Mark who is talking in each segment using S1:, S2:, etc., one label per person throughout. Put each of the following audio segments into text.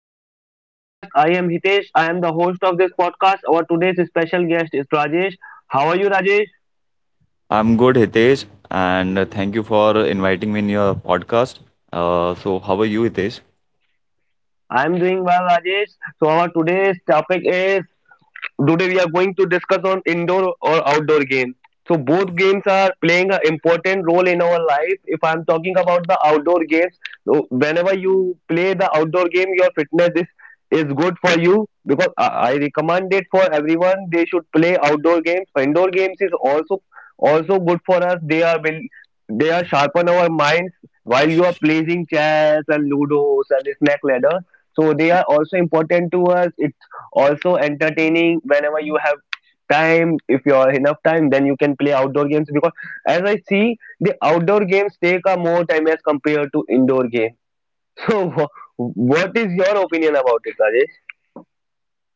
S1: Welcome to our podcast. I am Hitesh. I am the host of this podcast. Our today's special guest is Rajesh. How are you, Rajesh?
S2: I'm good, Hitesh, and thank you for inviting me in your podcast. So, how are you, Hitesh?
S1: I am doing well, Rajesh. So, our today's topic is today we are going to discuss on indoor or outdoor games. So both games are playing an important role in our life. If I'm talking about the outdoor games, so whenever you play the outdoor game, your fitness is good for you because I recommend it for everyone. They should play outdoor games. Indoor games is also also good for us. They are will they are sharpen our minds while you are playing chess and ludos and snake ladder. So they are also important to us. It also entertaining whenever you have time if you are enough time then you can play outdoor games because as I see the outdoor games take a more time as compared to indoor game. so wha- what is your opinion about it, Rajesh?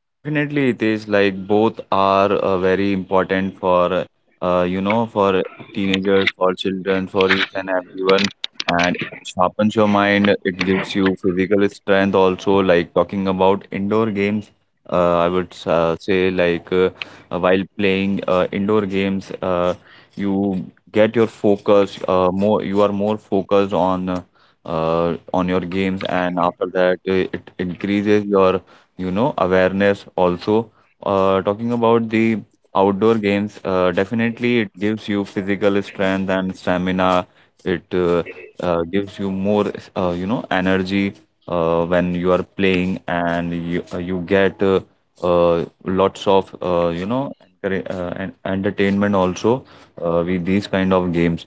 S2: Definitely, Hitesh, like both are very important for, for teenagers, for children, for each and everyone. And it sharpens your mind, it gives you physical strength also, like talking about indoor games. I would say like, while playing indoor games, you get your focus more. You are more focused on your games, and after that, it increases your awareness. Also, talking about the outdoor games, definitely it gives you physical strength and stamina. It gives you more, energy when you are playing, and you get lots of entertainment also with these kind of games.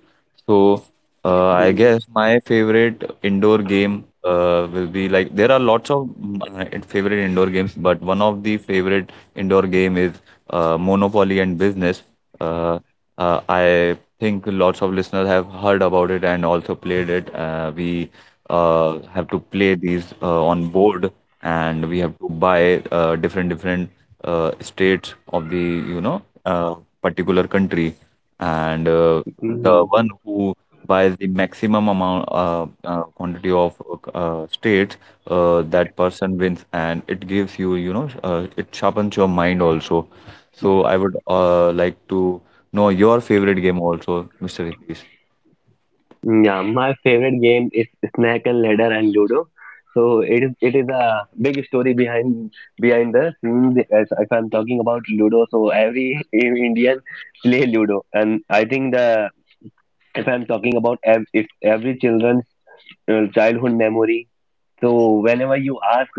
S2: So. I guess my favorite indoor game will be like there are lots of favorite indoor games, but one of the favorite indoor game is Monopoly and Business. Uh, I think lots of listeners have heard about it and also played it. We have to play these on board, and we have to buy different different states of the you know uh, particular country, and
S1: Hmm.
S2: the one who by the maximum amount quantity of states, that person wins, and it gives you you know it sharpens your mind also. So I would like to know your favorite game also, Mr. Hitesh.
S1: Yeah, my favorite game is Snake and Ladder and Ludo. So it is a big story behind the scenes. As if I'm talking about Ludo, so every Indian play Ludo, and I think the if I'm talking about ev- if every children's childhood memory so whenever you ask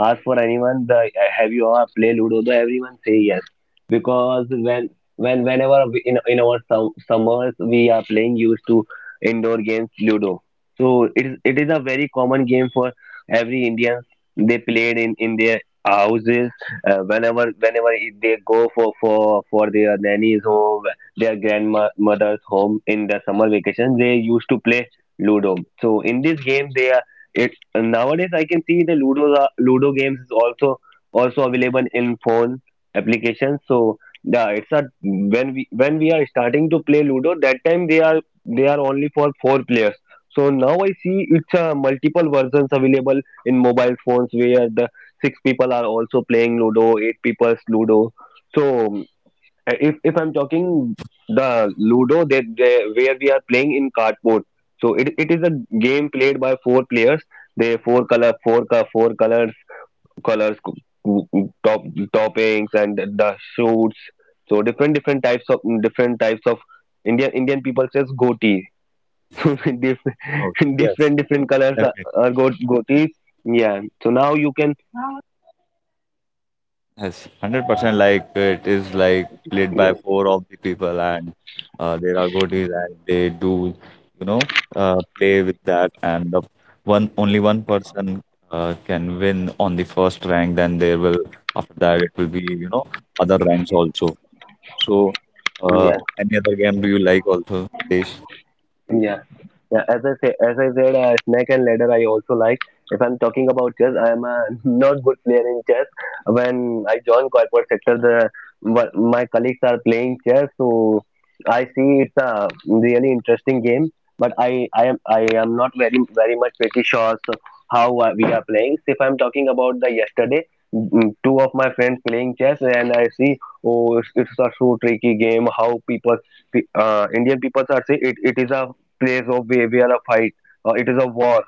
S1: ask for anyone, the have you ever played Ludo? The everyone say yes because when whenever we, in our summers we are playing used to indoor games Ludo. So it is a very common game for every Indian. They played in their houses whenever they go for for their nanny's home, their grandmother's home in the summer vacation. They used to play Ludo. So in this game, they are it's nowadays I can see the Ludo games is also also available in phone applications. So yeah, it's a when we are starting to play Ludo, that time they are only for four players. So now I see it's a multiple versions available in mobile phones where the six people are also playing Ludo, eight people's Ludo. So if I'm talking the Ludo that they, where we are playing in cardboard, so it is a game played by four players. They four color four colors colors top toppings and the shoots. So different types of Indian people says goti. So
S2: Oh, yes.
S1: different colors are go gotis. Yeah. So now you can
S2: Yes, 100% like it is like played by
S1: yeah
S2: four of the people, and there are goatees and they do, you know, play with that, and the one only one person can win on the first rank, then there will, after that it will be, you know, other ranks also. So uh,
S1: yeah.
S2: any other game do you like also, Hitesh?
S1: Yeah, yeah. As I said, snake and ladder I also like. If I'm talking about chess, I am a not good player in chess. When I joined corporate sector, the what my colleagues are playing chess, so I see it's a really interesting game. But I am not very much pretty sure so how we are playing. If I'm talking about the yesterday, two of my friends playing chess, and I see, oh, it's a so tricky game. How people Indian people are say it is a place of where we are a fight. It is a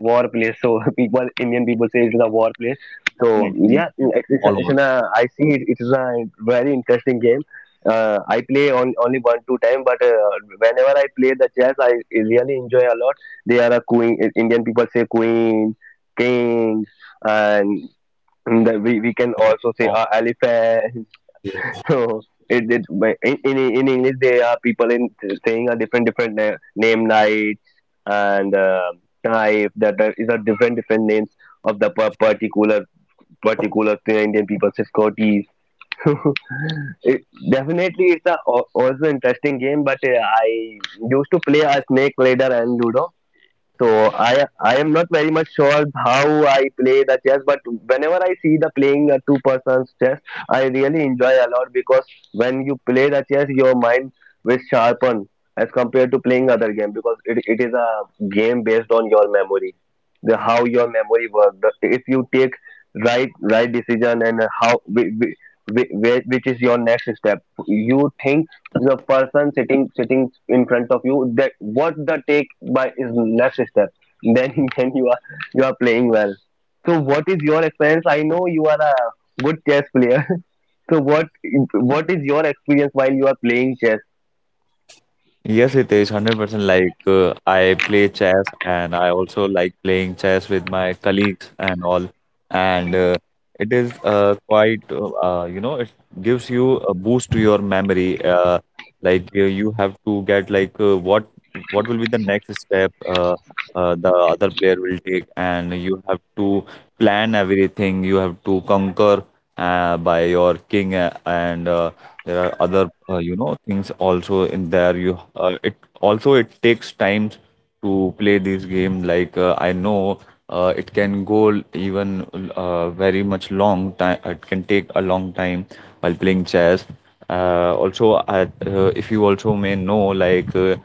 S1: war place. So people, Indian people say it is a war place. So
S2: Definitely,
S1: yeah,
S2: it's all
S1: it's an, I see it is a very interesting game. I play on, only one two time, but whenever I play the chess, I really enjoy a lot. They are a queen. Indian people say queen, king, and the, we can also say
S2: work.
S1: elephant. So in, in English there are people in saying a name knight and knife that are, is a different different names of the particular particular thing Indian people say Scotties. it, definitely it's a also interesting game but I used to play a snake ladder and Ludo so I am not very much sure how I play the chess, but whenever I see the playing a two persons chess, I really enjoy a lot because when you play the chess, your mind will sharpen as compared to playing other game because it is a game based on your memory, the how your memory works. The, if you take right decision and how which is your next step, you think the person sitting in front of you that what the take by is left step then then you are playing well, so what is your experience? I know you are a good chess player. So what is your experience while you are playing chess?
S2: Yes, it is 100% like I play chess and I also like playing chess with my colleagues and all. And it is quite, it gives you a boost to your memory. Like you have to get like what will be the next step, the other player will take, and you have to plan everything. You have to conquer by your king, and there are other things also in there. You It also, it takes time to play this game, I know it can go even very much long time. It can take a long time while playing chess. Also, if you also may know,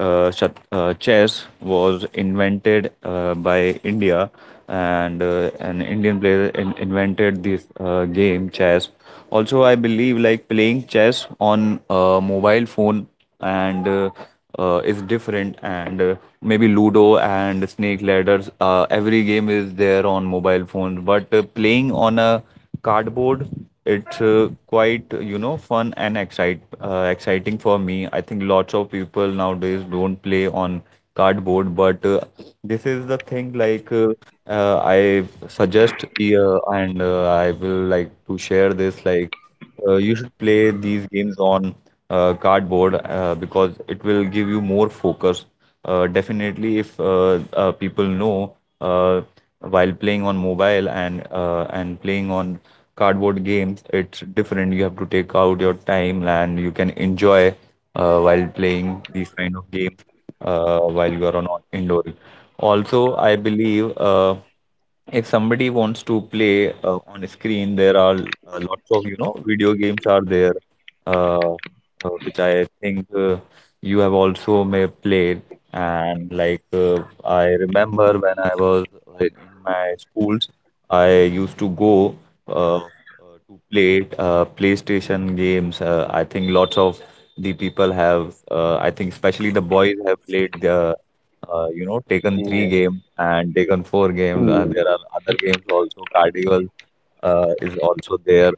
S2: uh, chess was invented by India, and an Indian player invented this game chess. Also, I believe, like, playing chess on a mobile phone and is different, and maybe ludo and snake ladders, every game is there on mobile phones, but playing on a cardboard, it's quite you know fun and excite exciting for me. I think lots of people nowadays don't play on cardboard, but this is the thing, like, I suggest, and I will like to share this like, you should play these games on cardboard because it will give you more focus. Definitely, if people know, uh, while playing on mobile and playing on cardboard games, it's different. You have to take out your time and you can enjoy while playing these kind of games while you are on indoor. Also, I believe, if somebody wants to play on a screen, there are lots of you know video games are there. Uh, which I think you have also may played. And I remember when I was in my schools, I used to go to play PlayStation games. I think lots of the people have. I think especially the boys have played the. You know, taken three
S1: Yeah.
S2: game and taken four game.
S1: Mm,
S2: There are other games also, carnival is also there.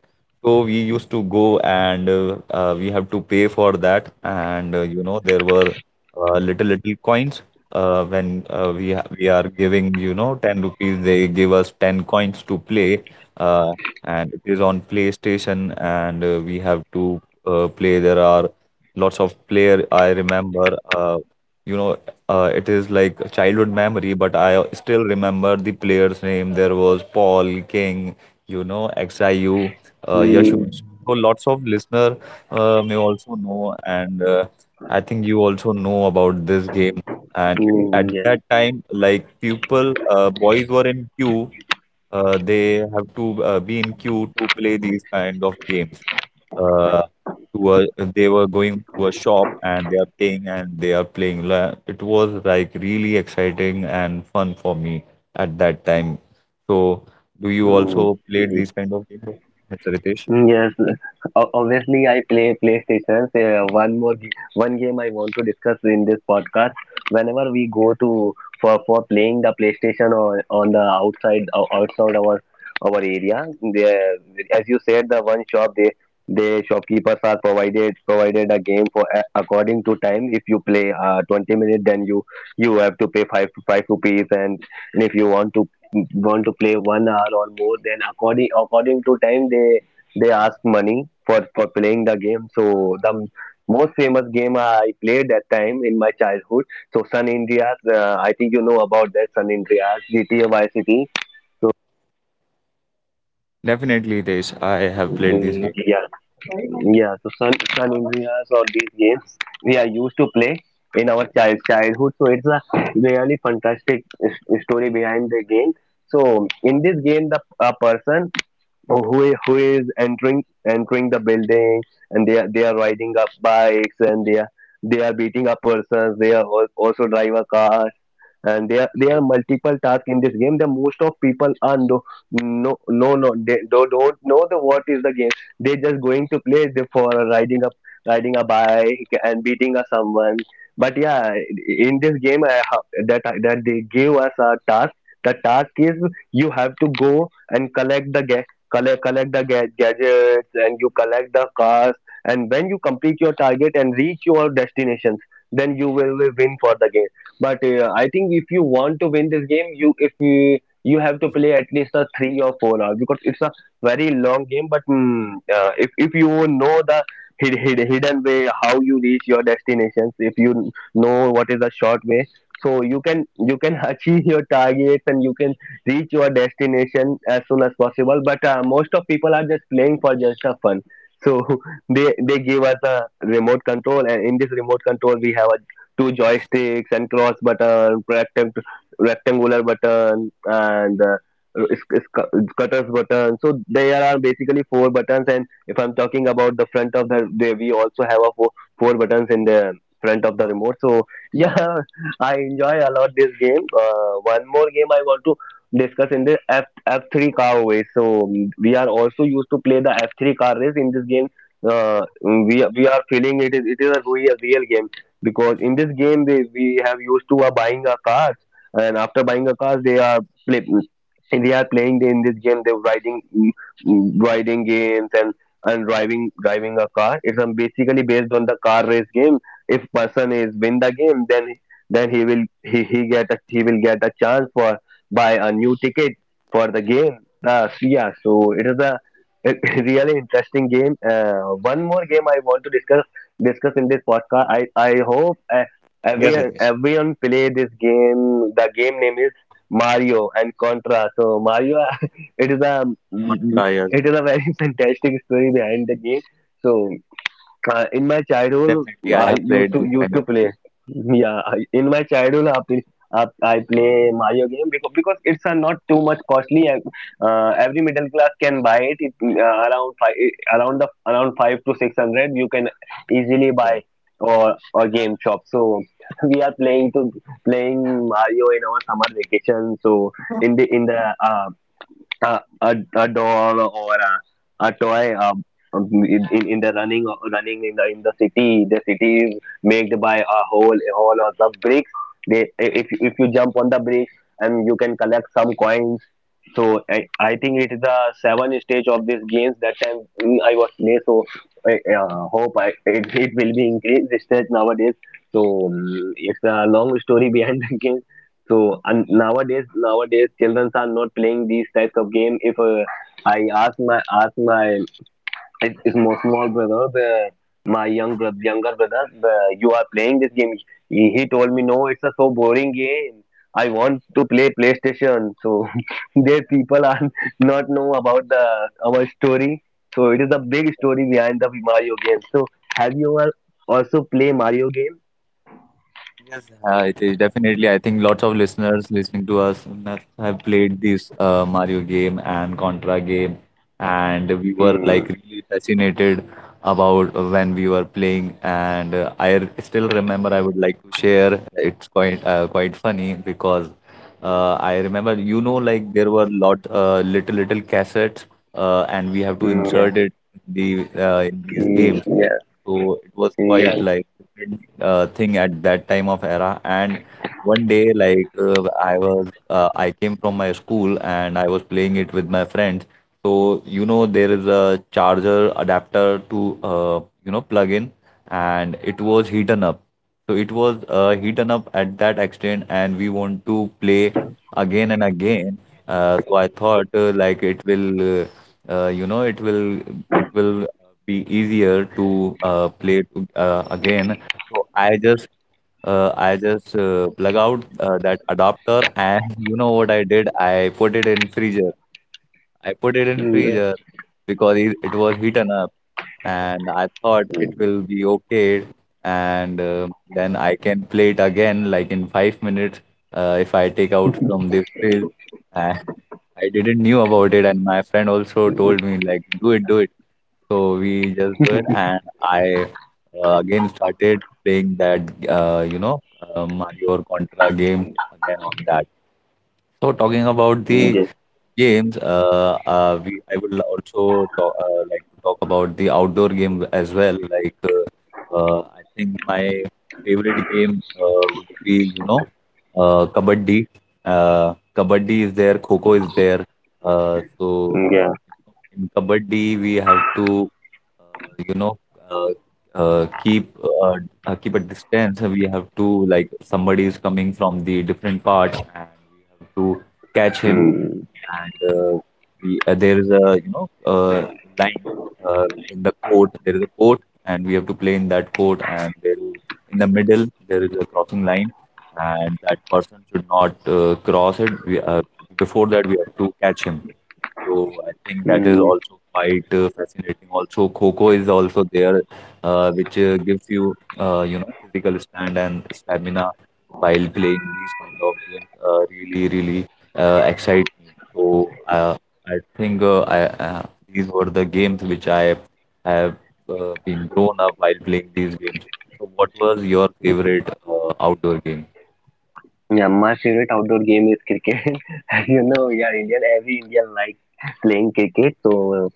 S2: So we used to go, and we have to pay for that. And you know, there were little little coins. When we are giving you know 10 rupees, they give us 10 coins to play. Uh, and it is on PlayStation, and we have to play. There are lots of player. I remember. You know, it is like a childhood memory, but I still remember the player's name. There was Paul, King, you know, XIU, Yash,
S1: mm,
S2: Homes. So lots of listener may also know, and I think you also know about this game. And, it, at
S1: mm, yes.
S2: that time, like people, boys were in queue. They have to be in queue to play these kind of games, uh, to a, they were going to a shop and they are paying and they are playing. It was like really exciting and fun for me at that time. So, do you
S1: Mm.
S2: also played these kind of games, Mr. Ritesh?
S1: Yes, obviously I play PlayStation. One game I want to discuss in this podcast. Whenever we go to for playing the PlayStation on the outside outside our area, there as you said, the one shop they shopkeepers are provided a game for according to time. If you play 20 minutes, then you have to pay five rupees, and if you want to play 1 hour or more, then according to time they ask money for playing the game. So the most famous game I played that time in my childhood. So San Andreas, I think you know about that San Andreas, GTA Vice City.
S2: Definitely, Ritesh. I have played these
S1: Mm,
S2: games.
S1: yeah, yeah. So San Andreas or these games we are used to play in our childhood. So it's a really fantastic story behind the game. So in this game, the a person or who is entering the building and they are riding up bikes and they are beating up persons they are also drive a car and there are multiple tasks in this game the most of people are no they don't know the what is the game they just going to play for riding a riding a bike and beating a someone but yeah in this game I have, that they give us a task. The task is you have to go and collect the gadgets and you collect the cars and when you complete your target and reach your destinations then you will win for the game, but I think if you want to win this game, you if you you have to play at least a 3 or 4 hours because it's a very long game. But if you know the hidden way how you reach your destinations, if you know what is the short way, so you can achieve your targets and you can reach your destination as soon as possible. But most of people are just playing for just a fun. So they give us a remote control, and in this remote control we have a two joysticks and cross button, rectangular button, and cutters button. So there are basically four buttons. And if I'm talking about the front of we also have a four buttons in the front of the remote. So yeah, I enjoy a lot this game. One more game I want to discuss in the F F3 car race. So we are also used to play the F3 car race in this game. We are feeling it is a real game because in this game they we have used to are buying our cars and after buying a cars they are play, they are playing in this game they're riding riding games and driving a car. It's basically based on the car race game. If person is win the game then he will he get a, he will get a chance for buy a new ticket for the game. So yeah, so it is a really interesting game. One more game I want to discuss in this podcast. I hope everyone play this game. The game name is Mario and Contra. So Mario,
S2: Not
S1: it is
S2: Cry
S1: a
S2: as well.
S1: it is a very fantastic story behind the game. So in my
S2: Definitely, I have
S1: childhood,
S2: played these
S1: I
S2: kind of
S1: used to play. Yeah, in my childhood, I play Mario game because it's not too much costly, and every middle class can buy it. It around five, around the around five to six hundred, you can
S2: games. Yes.
S1: easily buy or game shop. So we are playing to playing Mario in our summer vacation. So in the uh, a doll or a toy, in the running, running in the city is made by a hole or some bricks. They, if you jump on the bricks, and you can collect some coins. So I think it is the seventh stage of this games that time. I was play. So I hope it will be increased this stage nowadays. So it's a long story behind the game. So and nowadays children are not playing these types of game. If I ask my it is my small brother, the my younger brother, you are playing this game. He told me, no, it's a so boring game. I want to play PlayStation. So their people are not know about the our story. So it is a big story behind the Mario game. So have you ever also play Mario game?
S2: Yes, it is definitely. I think lots of listeners listening to us must have played this Mario game and Contra game, and we were
S1: Mm,
S2: like really fascinated about when we were playing. And I r- still remember. I would like to share. It's quite quite funny because I remember. You know, like there were lot little little cassettes, and we have to
S1: mm, yeah,
S2: insert it in the in these
S1: mm,
S2: games.
S1: yeah,
S2: So it was quite
S1: yeah.
S2: like thing at that time of era. And one day, I came from my school and I was playing it with my friends. So you know, there is a charger adapter to plug in, and it was heaten up. So it was heaten up at that extent, and we want to play again and again. So I thought like it will, it will, it will be easier to play again. So I just plug out that adapter and you know what I did? I put it in freezer. I put it in
S1: Mm,
S2: freezer
S1: yeah.
S2: because it was heaten up, and I thought it
S1: Mm,
S2: will be okay, and then I can play it again like in 5 minutes if I take out from the fridge and I didn't knew about it, and my friend also told me like do it, do it, so we just do it. And I again started playing that, Mario or Contra game again on that. So talking about
S1: mm,
S2: the
S1: yeah.
S2: games, we I will also talk, like to talk about the outdoor game as well. I think my favorite game would be you know kabaddi. Kabaddi is there, kho is there. So
S1: Mm, yeah.
S2: in kabaddi we have to uh, you know uh, keep keep a distance. We have to like somebody is coming from the different parts, and we have to catch him.
S1: Mm,
S2: And we there is a you know line in the court. There is a court, and we have to play in that court. And there is, in the middle there is a crossing line, and that person should not cross it. Before that we have to catch him. So I think that is
S1: mm.
S2: also quite fascinating. Also, Coco is also there, which gives you, physical stand and stamina while playing these kind of games. Really, really excite me. So I think uh, I, uh, these were the games which I have been grown up while playing these games. So what was your favorite outdoor game?
S1: Yeah, my favorite outdoor game is cricket. As you know, yeah, Indian, every Indian likes playing cricket. So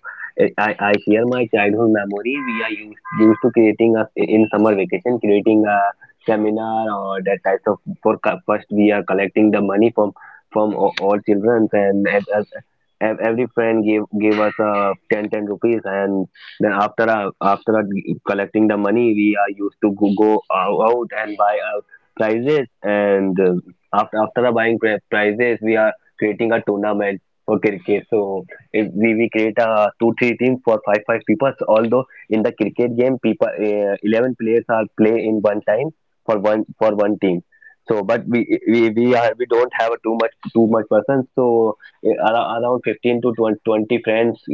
S1: I share my childhood memory. We are used to creating a, in summer vacation, creating a seminar or that types of for first we are collecting the money from all children, and every friend gave us ten rupees, and then after collecting the money we are used to go out and buy prizes, and after the buying prizes, we are creating a tournament for cricket. So if we create a two three team for five people. Although in the cricket game, people 11 players are play in one time for one team. So, but we don't have too much person. So around 15 to 20 friends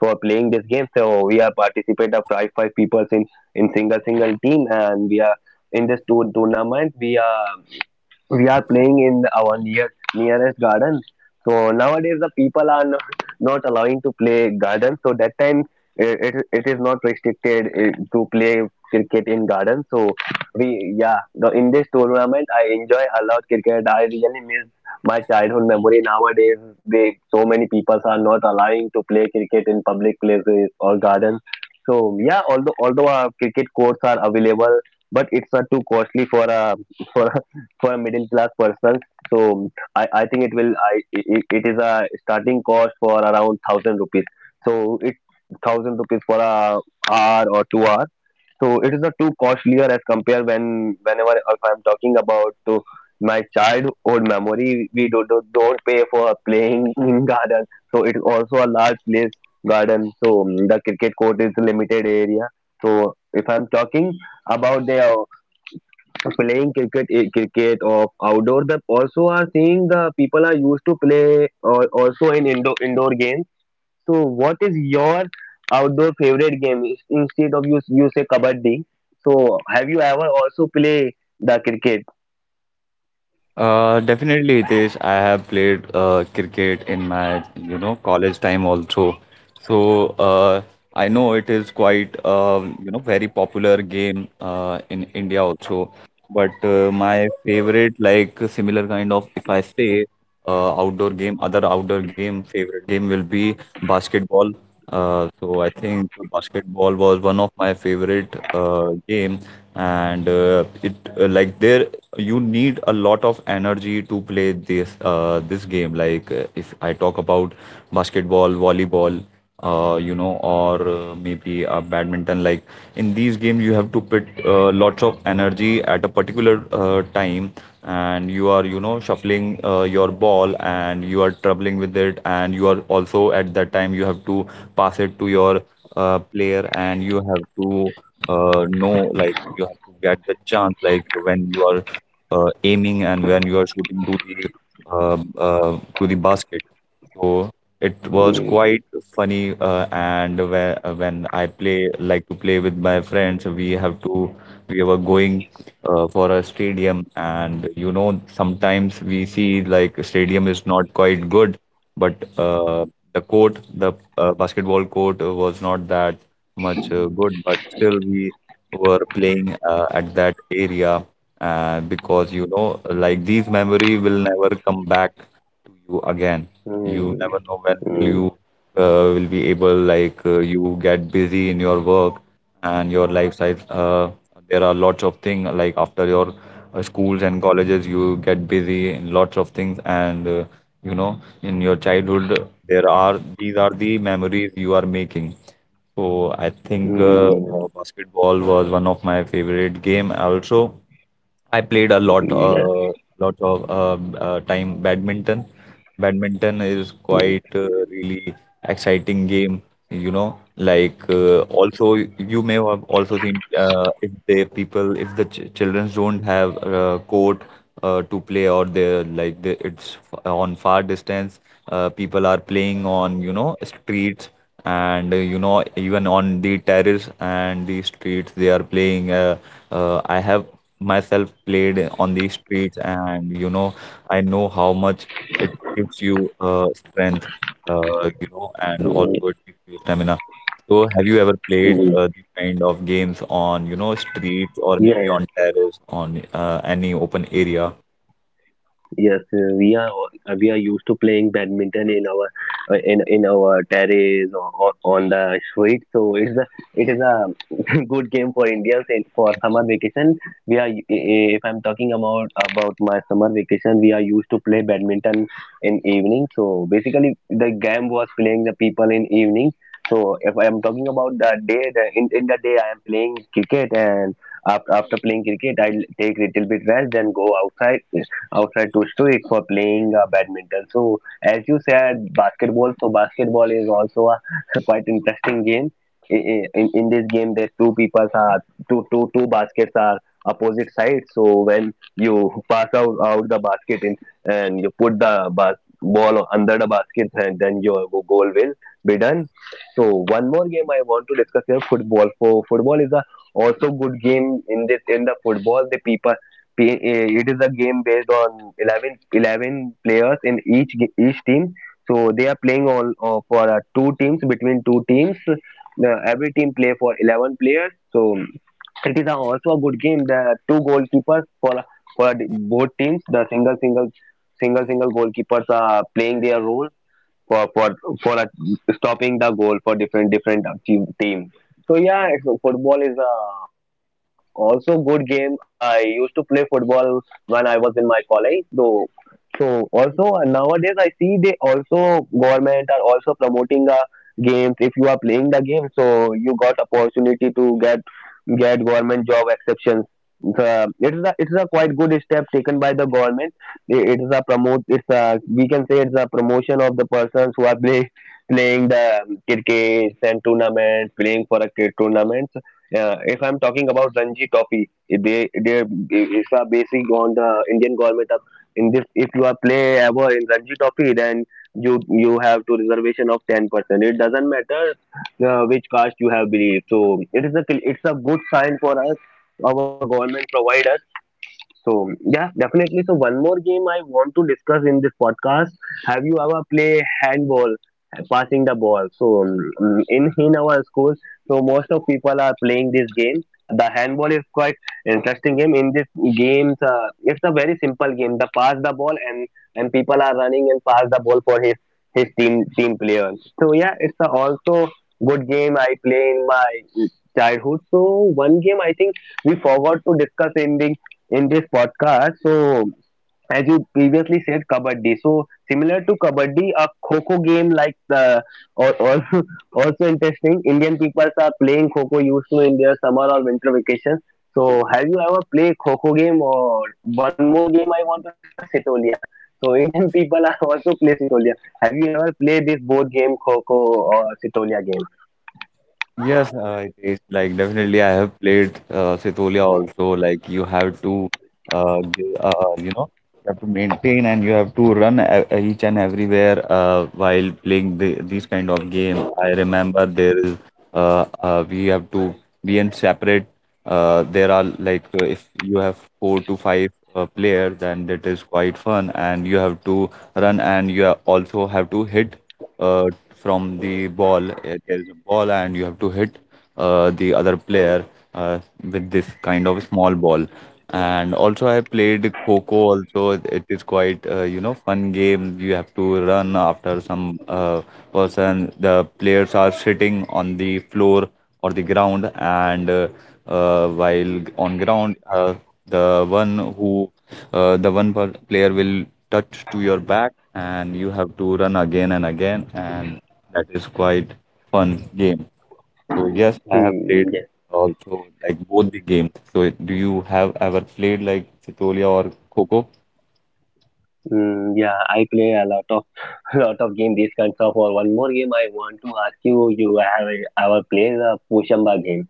S1: for playing this game. So we are participate of five people in single team, and we are in this tournament. We are playing in our nearest garden. So nowadays the people are not allowing to play garden. So that time it is not restricted to play cricket in garden. So we, yeah, in this tournament I enjoy a lot cricket. I really miss my childhood memory. Nowadays they so many people are not allowing to play cricket in public places or garden. So yeah, although our cricket courts are available, but it's too costly for a for for a middle class person. So I think it will I it, it is a starting cost for around 1,000 rupees. So it's 1,000 rupees for a hour or 2 hour. So it is not too costlier as compared whenever if I'm talking about to my childhood memory, we do, do don't pay for playing in garden. So it's also a large place garden. So the cricket court is a limited area. So if I'm talking about the playing cricket cricket of outdoor the also are seeing the people are used to play or also in indoor games. So what is your outdoor favorite game instead of you say kabaddi. So have you ever also play the cricket?
S2: Definitely, Hitesh. I have played cricket in my, you know, college time also. So I know it is quite, very popular game in India also. But my favorite, like similar kind of, if I say outdoor game, other outdoor game, favorite game will be basketball. So I think basketball was one of my favorite game, and it, like there you need a lot of energy to play this this game. Like if I talk about basketball, volleyball, or maybe a badminton. Like in these games, you have to put lots of energy at a particular time, and you are, you know, shuffling your ball and you are troubling with it, and you are also at that time you have to pass it to your player, and you have to know, like you have to get the chance, like when you are aiming and when you are shooting to the basket. So it was
S1: Mm,
S2: quite funny, and when I play like to play with my friends, we have to we were going for a stadium, and you know sometimes we see like stadium is not quite good, but the court, the basketball court was not that much good, but still we were playing at that area because you know like these memory will never come back to you again. You
S1: mm,
S2: never know when will you
S1: mm,
S2: will be able like you get busy in your work and your lifestyle. There are lots of things like after your schools and colleges, you get busy in lots of things, and you know in your childhood there are these are the memories you are making. So I think
S1: mm,
S2: basketball was one of my favorite game also. I played a lot,
S1: mm, yeah,
S2: lot of time badminton. Badminton is quite really exciting game, you know. Like also you may have also seen if the people if the ch children don't have court to play or it's on far distance. People are playing on you know streets and you know even on the terrace and the streets they are playing. I have myself played on the streets, and you know I know how much it gives you strength, you know, and also
S1: mm,
S2: it gives you stamina. So have you ever played
S1: mm.
S2: these kind of games on you know streets or maybe
S1: Yeah,
S2: on terrace on any open area?
S1: yes, we are used to playing badminton in our in our terrace, or on the street. So it's a it is a good game for Indians and for summer vacation. We are if I'm talking about my summer vacation, we are used to play badminton in evening. So basically, the game was playing the people in evening. So if I am talking about the day, in the day I am playing cricket, and after playing cricket, I'll take little bit rest, then go outside to street for playing badminton. So as you said, basketball. So basketball is also a quite interesting game. In this game, there two people are two baskets are opposite sides. So when you pass out the basket in, and you put the ball under the basket, and then your goal will be done. So one more game I want to discuss here: football. So football is a also good game in the football. The people P- eh, It is a game based on eleven players in each each team. So they are playing all for two teams between two teams. Every team play for 11 players. So it is also a good game. The two goalkeepers for both teams. The single goalkeepers are playing their role for for for stopping the goal for different team. So yeah, football is a also good game. I used to play football when I was in my college, though. So also nowadays I see they also government are also promoting the games. If you are playing the game, so you got opportunity to get government job exceptions. It's a quite good step taken by the government. It is a promote it's a, we can say it's a promotion of the persons who are playing the cricket and tournaments, playing for a cricket tournaments. If I'm talking about Ranji Trophy, they it's a basic on the Indian government of, in this if you are play ever in Ranji Trophy, then you have to reservation of 10%. It doesn't matter which caste you have believed. So it's a good sign for us our government provides. So yeah, definitely. So one more game I want to discuss in this podcast. Have you ever play handball, passing the ball? So in our school, so most of people are playing this game. The handball is quite interesting game. In this game, it's a very simple game. The pass the ball, and people are running and pass the ball for his team player. So yeah, it's a also good game I play in my childhood. So one game I think we forgot to discuss in this podcast. So, as you previously said, kabaddi. So, similar to kabaddi, a kho kho game, like the or also interesting. Indian people are playing kho used to in their summer or winter vacation. So, have you ever played kho kho game? Or one more game I want to discuss: sitolia. So, Indian people are also play sitolia. Have you ever played this board game kho or sitolia game?
S2: Yes, it is like definitely. I have played Setolia also. Like you have to, you know, you have to maintain and you have to run each and everywhere while playing these kind of game. I remember there is we have to be in separate. There are like if you have four to five player, then that is quite fun. And you have to run, and you also have to hit uh, from the ball. There is a ball, and you have to hit the other player uh, with this kind of small ball. And also, I played Coco. Also, it is quite you know fun game. You have to run after some person. The players are sitting on the floor or the ground, and while on ground the one who the one per player will touch to your back, and you have to run again and again, and that is quite fun game. So yes, I have played
S1: Hmm, yes.
S2: also, like, both the games. So do you have ever played like Sitolia or Coco?
S1: Mm, yeah, I play a lot of lot of game. This kinds of or one more game I want to ask you. You have ever played the Pushamba game?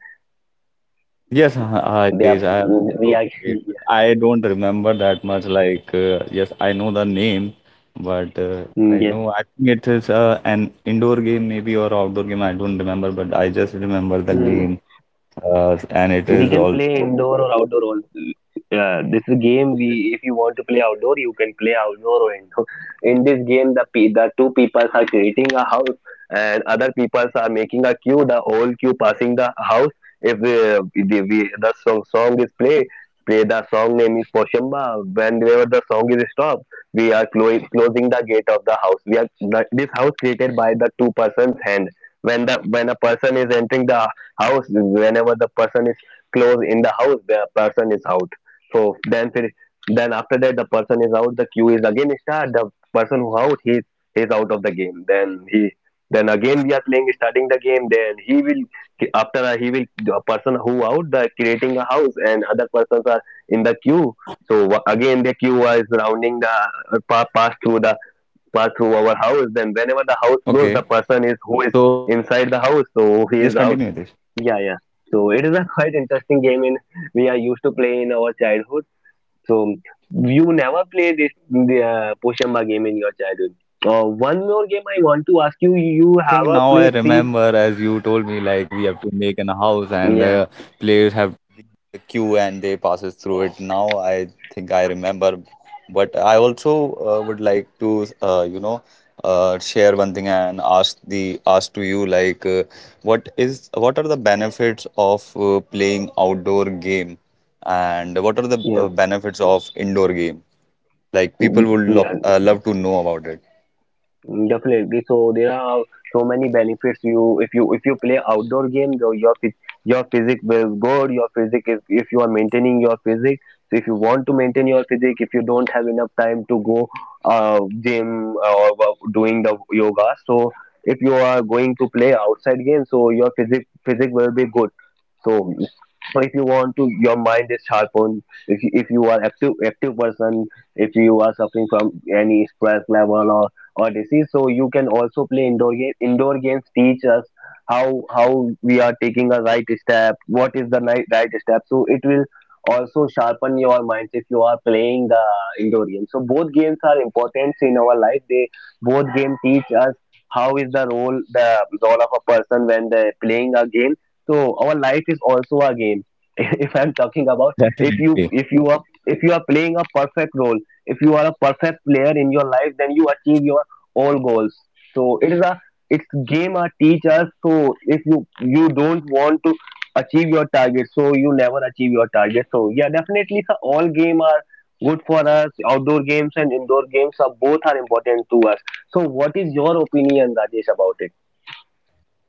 S2: Yes,
S1: They
S2: it is.
S1: are,
S2: I have
S1: mm, we
S2: also
S1: are,
S2: played, but I don't remember that much. Like, yes, I know the name, but
S1: mm,
S2: I
S1: yes.
S2: know I think it is an indoor game maybe or outdoor game. I don't remember, but I just remember the
S1: Mm.
S2: name, and it
S1: We
S2: is
S1: can play
S2: also
S1: indoor or outdoor also. This is game
S2: okay.
S1: we, if you want to play outdoor, you can play outdoor or indoor. In this game, the two people are creating a house, and other people are making a queue. The whole queue passing the house. If the song is play the song name is Poshamba. Whenever the song is stopped, we are closing the gate of the house. We are this house created by the two persons hand. When a person is entering the house, whenever the person is close in the house, the person is out. So then finish. Then after that the person is out, the queue is again start, the person who out he is out of the game, then he, then again we are playing, starting the game, then he will, after a, he will, a person who out the creating a house, and other persons are in the queue. So again the queue was rounding the pass through the pass through our
S2: Okay.
S1: house, then whenever the house
S2: So
S1: close, the person is who is
S2: just
S1: inside the
S2: continue this.
S1: house, so he is out. Yeah, yeah. So it is a quite interesting game in, we are used to play in our childhood. So you never play this the Poshamba game in your childhood. One more
S2: I
S1: game
S2: think
S1: I want
S2: now I
S1: to ask you.
S2: remember,
S1: You
S2: as
S1: have
S2: you
S1: a
S2: told
S1: play
S2: me,
S1: three.
S2: like we have to make an house and play.
S1: Yeah, yeah, mm, yeah. Definitely. So there are so many benefits. You if you if you play outdoor game, your physique will good. Your physique is if you are maintaining your physique. So if you want to maintain your physique, if you don't have enough time to go gym or doing the yoga, so if you are going to play outside game, so your physique will be good. So so if you want to, your mind is sharp on. If you are active person, if you are suffering from any stress level or disease. So you can also play indoor games. Indoor games teach us how we are taking a right step, what is the right step. So it will also sharpen your minds if you are playing the indoor games. So both games are important in our life. They both game teach us how is the role of a person when they're playing a game. So our life is also a game. If I'm talking about if you
S2: Definitely.
S1: if you are if you are playing a perfect role, if you are a perfect player in your life, then you achieve your all goals. So it is a it's game a teacher. So if you don't want to achieve your target, so you never achieve your target. So yeah, definitely, sir, all game are good for us. Outdoor games and indoor games are both are important to us. So what is your opinion, Rajesh, about it?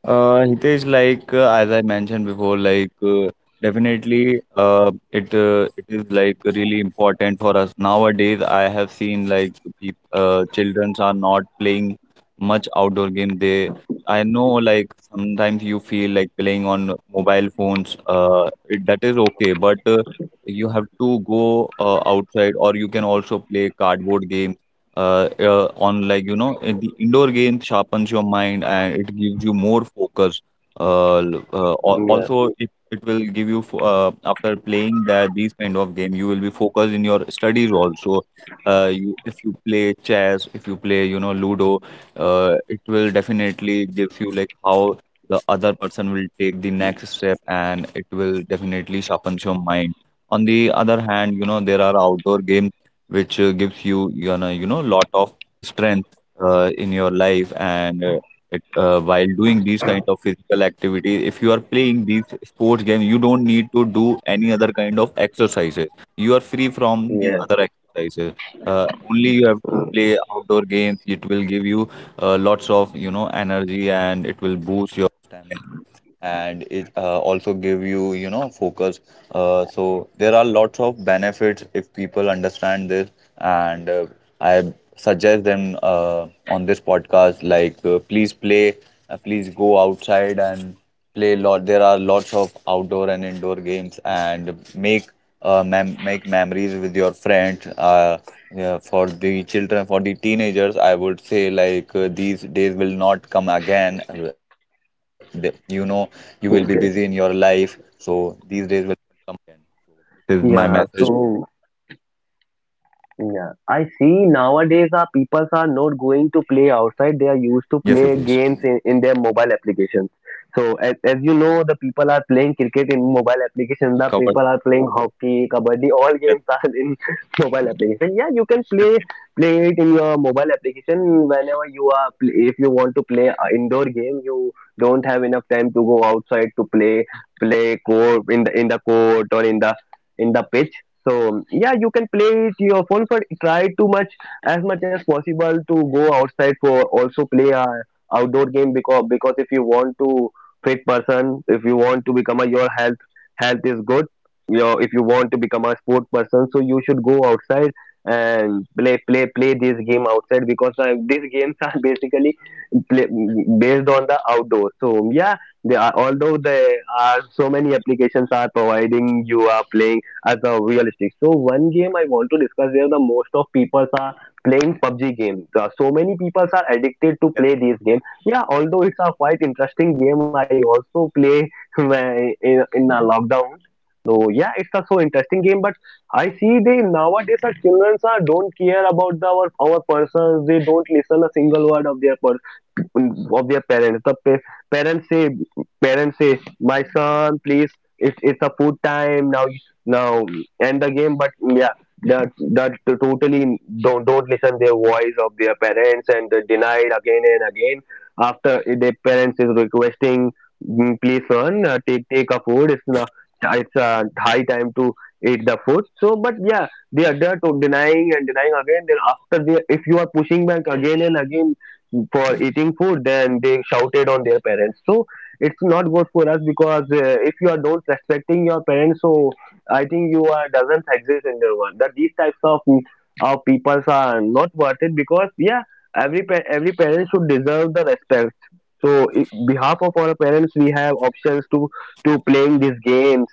S2: Hitesh, like as I mentioned before, like definitely, it is like really important for us nowadays. I have seen like peop childrens are not playing much outdoor game. They, I know, like sometimes you feel like playing on mobile phones. That is okay, but you have to go outside, or you can also play cardboard games. On like you know in the indoor game sharpens your mind and it gives you more focus.
S1: Yeah,
S2: Also it will give you after playing that these kind of game you will be focused in your studies also. You if you play chess, if you play you know Ludo, it will definitely give you like how the other person will take the next step, and it will definitely sharpens your mind. On the other hand, you know there are outdoor games which gives you you know lot of strength in your life, and while doing these kind of physical activity, if you are playing these sports games, you don't need to do any other kind of exercises. You are free from the
S1: yeah,
S2: other exercises. Only you have to play outdoor games. It will give you lots of you know energy, and it will
S1: okay, yeah. So
S2: each and every listener.
S1: yeah, I see nowadays our peoples are not going to play
S2: Yes, it is.
S1: outside. They are used to play games in their
S2: So
S1: mobile
S2: I
S1: applications.
S2: think uh,
S1: So as
S2: I
S1: you
S2: we
S1: know, the
S2: have
S1: people are playing cricket in
S2: you
S1: mobile
S2: know
S1: applications. The
S2: covered.
S1: people are playing hockey, kabaddi. All games are in mobile application. Yeah, you can play it in your mobile application whenever you are. If you want to play a indoor game, you don't have enough time to go outside to play court in the court or in the pitch. So yeah, you can play it your phone, but try to much as possible to go outside for also play a outdoor game because if you want to fit person, if you want to become a your health is good. Your if you want to become a sport person, so you should go outside and play this game outside because these games are basically play, based on the outdoor. So yeah, they are although there are so many applications are providing you are playing as a realistic. So one game I want to discuss where the most of people are playing PUBG game. So many people are addicted to play this game. Yeah, although it's a quite interesting game, I also play in a lockdown. So yeah, it's a so interesting game, but I see they nowadays our children are don't care about the, our persons. They don't listen a single word of their parents. The parents say, parents say, my son, please, it's a food time now. Now end the game. But yeah, that that totally don't listen their voice of their parents and they denied again and again. After their parents is requesting, "Mm, please son, take a food. It's not it's high time to eat the food. So, but yeah, they are there to denying and denying again. Then after they, if you are pushing back again and again, for eating food then they shouted on their parents so it's not good for us because if you are not respecting your parents so I think you are doesn't exist in the world that these types of peoples are not worth it because yeah every every parent should deserve the respect so behalf of our parents we have options to playing these games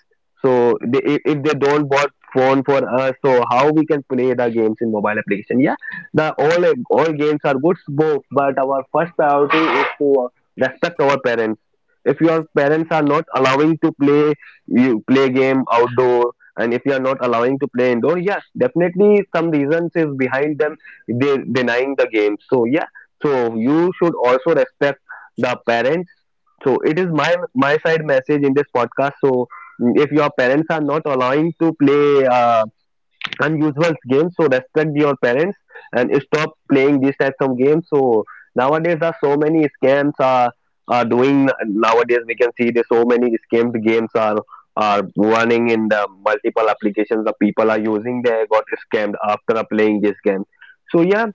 S1: so they, if they don't bought phone for us so how we can play the games in mobile application yeah the all games are good, both, but our first priority is to respect our parents. If your parents are not allowing to play you play game outdoor, and if you are not allowing to play indoor, yes, definitely some reasons is behind them they denying the game. So yeah, so you should also respect the parents. So it is my side message in this podcast. So if your parents are not allowing to play unusual games so respect your parents and stop playing these types of games so nowadays there are so many scams are doing nowadays we can see there's so many scams games are running in the multiple applications the people are using they got scammed after playing this game so yeah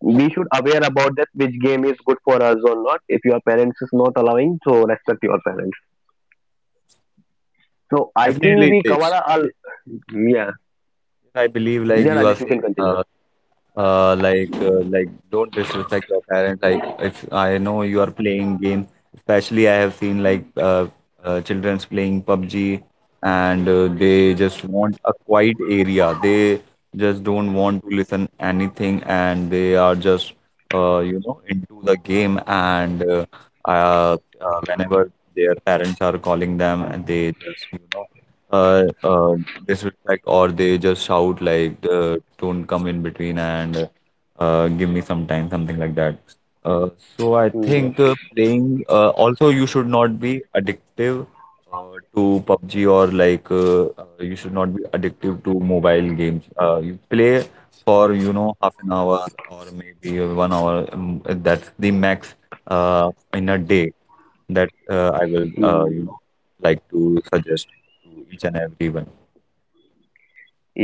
S1: we should aware about that which game is good for us or not if your parents is not allowing so respect your parents so I think
S2: Definitely
S1: we
S2: it is.
S1: cover all yeah
S2: I believe like
S1: yeah
S2: you are
S1: Rajesh you
S2: saying
S1: can continue.
S2: like don't disrespect your parents. Like if I know you are playing game, especially I have seen like children's playing PUBG, and they just want a quiet area. They just don't want to listen anything, and they are just you know into the game, and whenever their parents are calling them, and they just you know uh, uh, disrespect, or they just shout like don't come in between and give me some time, something like that. Uh, so I
S1: Mm, yes.
S2: think playing also you should not be addictive uh, to PUBG or like you should not be addictive to mobile games. You play for you know half an hour or maybe 1 hour. That's the max in a day that I will, you
S1: Mm.
S2: know, like to suggest to each and everyone.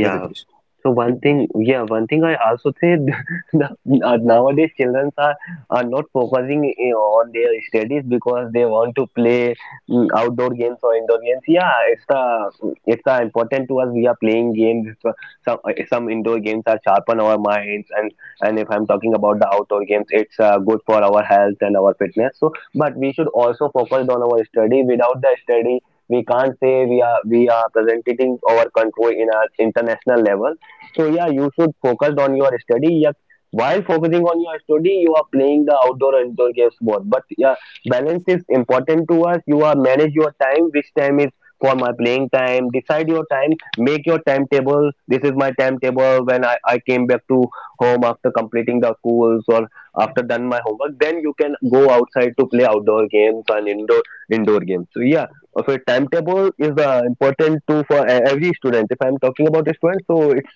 S2: Yes, it is.
S1: So one thing, yeah, one thing I also think that nowadays children are not focusing on their studies because they want to play outdoor games or indoor games. Yeah, it's the important to us. We are playing games. It's, some some indoor games are sharpen our minds, and if I'm talking about the outdoor games, it's good for our health and our fitness. So, but we should also focus on our study. Without the study, we can't say we are presenting our control in our international level. So yeah, you should focus on your study. Yeah, while focusing on your study, you are playing the outdoor and indoor games both. But yeah, balance is important to us. You are manage your time. Which time is for my playing time? Decide your time. Make your timetable. This is my timetable when I came back to home after completing the schools or after done my homework. Then you can go outside to play outdoor games and indoor games. So yeah of a timetable is the important too for every student if I'm talking about a student so it's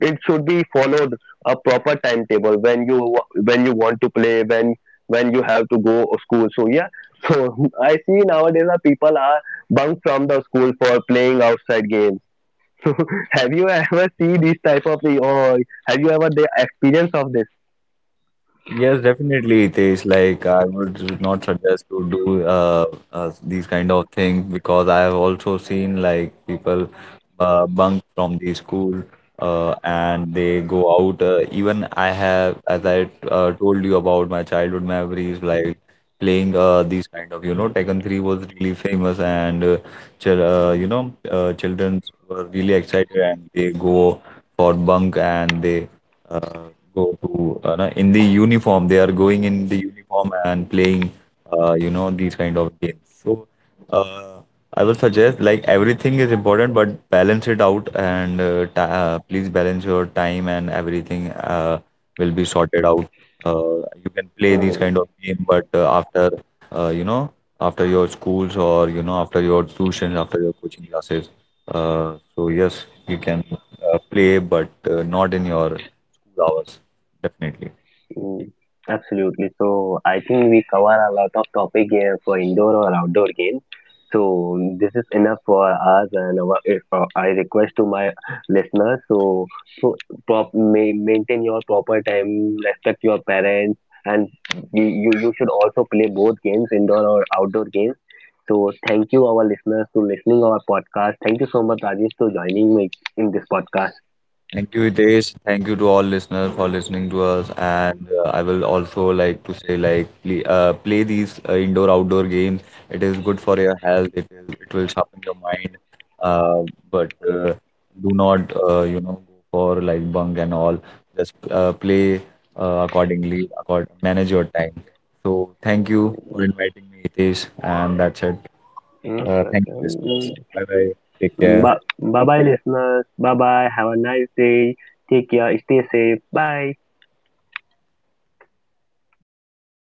S1: it should be followed a proper timetable when you want to play when you have to go to school so yeah so I see nowadays that people are bunked from the school for playing outside games so have you ever seen this type of thing or have you ever the experience of
S2: Yes, definitely, Hitesh. Like, I would not suggest to do these kind of things because I have also seen like people bunk from the school and they go out. Even I have, as I told you about my childhood memories, like playing these kind of, you know, Tekken 3 was really famous, and chil you know, children were really excited and they go for bunk, and they uh, go to in the uniform. They are going in the uniform and playing, you know, these kind of games. So uh, I will suggest like everything is important, but balance it out, and ta please balance your time and everything will be sorted out. Uh, you can play these kind of
S1: this.
S2: game, but after you know after your schools or you know after your tuitions, after your coaching classes. Uh, so yes, you can play, but not in your 2 hours. Definitely.
S1: Mm, absolutely. So I think we cover a lot of topic here for indoor or outdoor games. So this is enough for us, and our, if, I request to my listeners so so prop, maintain your proper time, respect your parents, and you, you should also play both games, indoor or outdoor games. So thank you, our listeners, to listening our podcast. Thank you so much, Rajesh, for joining me in this podcast.
S2: Thank you, Hitesh. Thank you to all listeners for listening to us. And I will also like to say, like, play these indoor outdoor games. It is good for your health. It will sharpen your mind. Uh, but do not, you know, go for like bunk and all. Just play accordingly. Accord Manage your time. So thank you for inviting me, Hitesh. And that's it.
S1: Mm, sure.
S2: Thank you, listeners.
S1: Mm,
S2: Bye bye. Take care.
S1: bye bye, listeners. Bye bye. Have a nice day. Take care. Stay safe. Bye.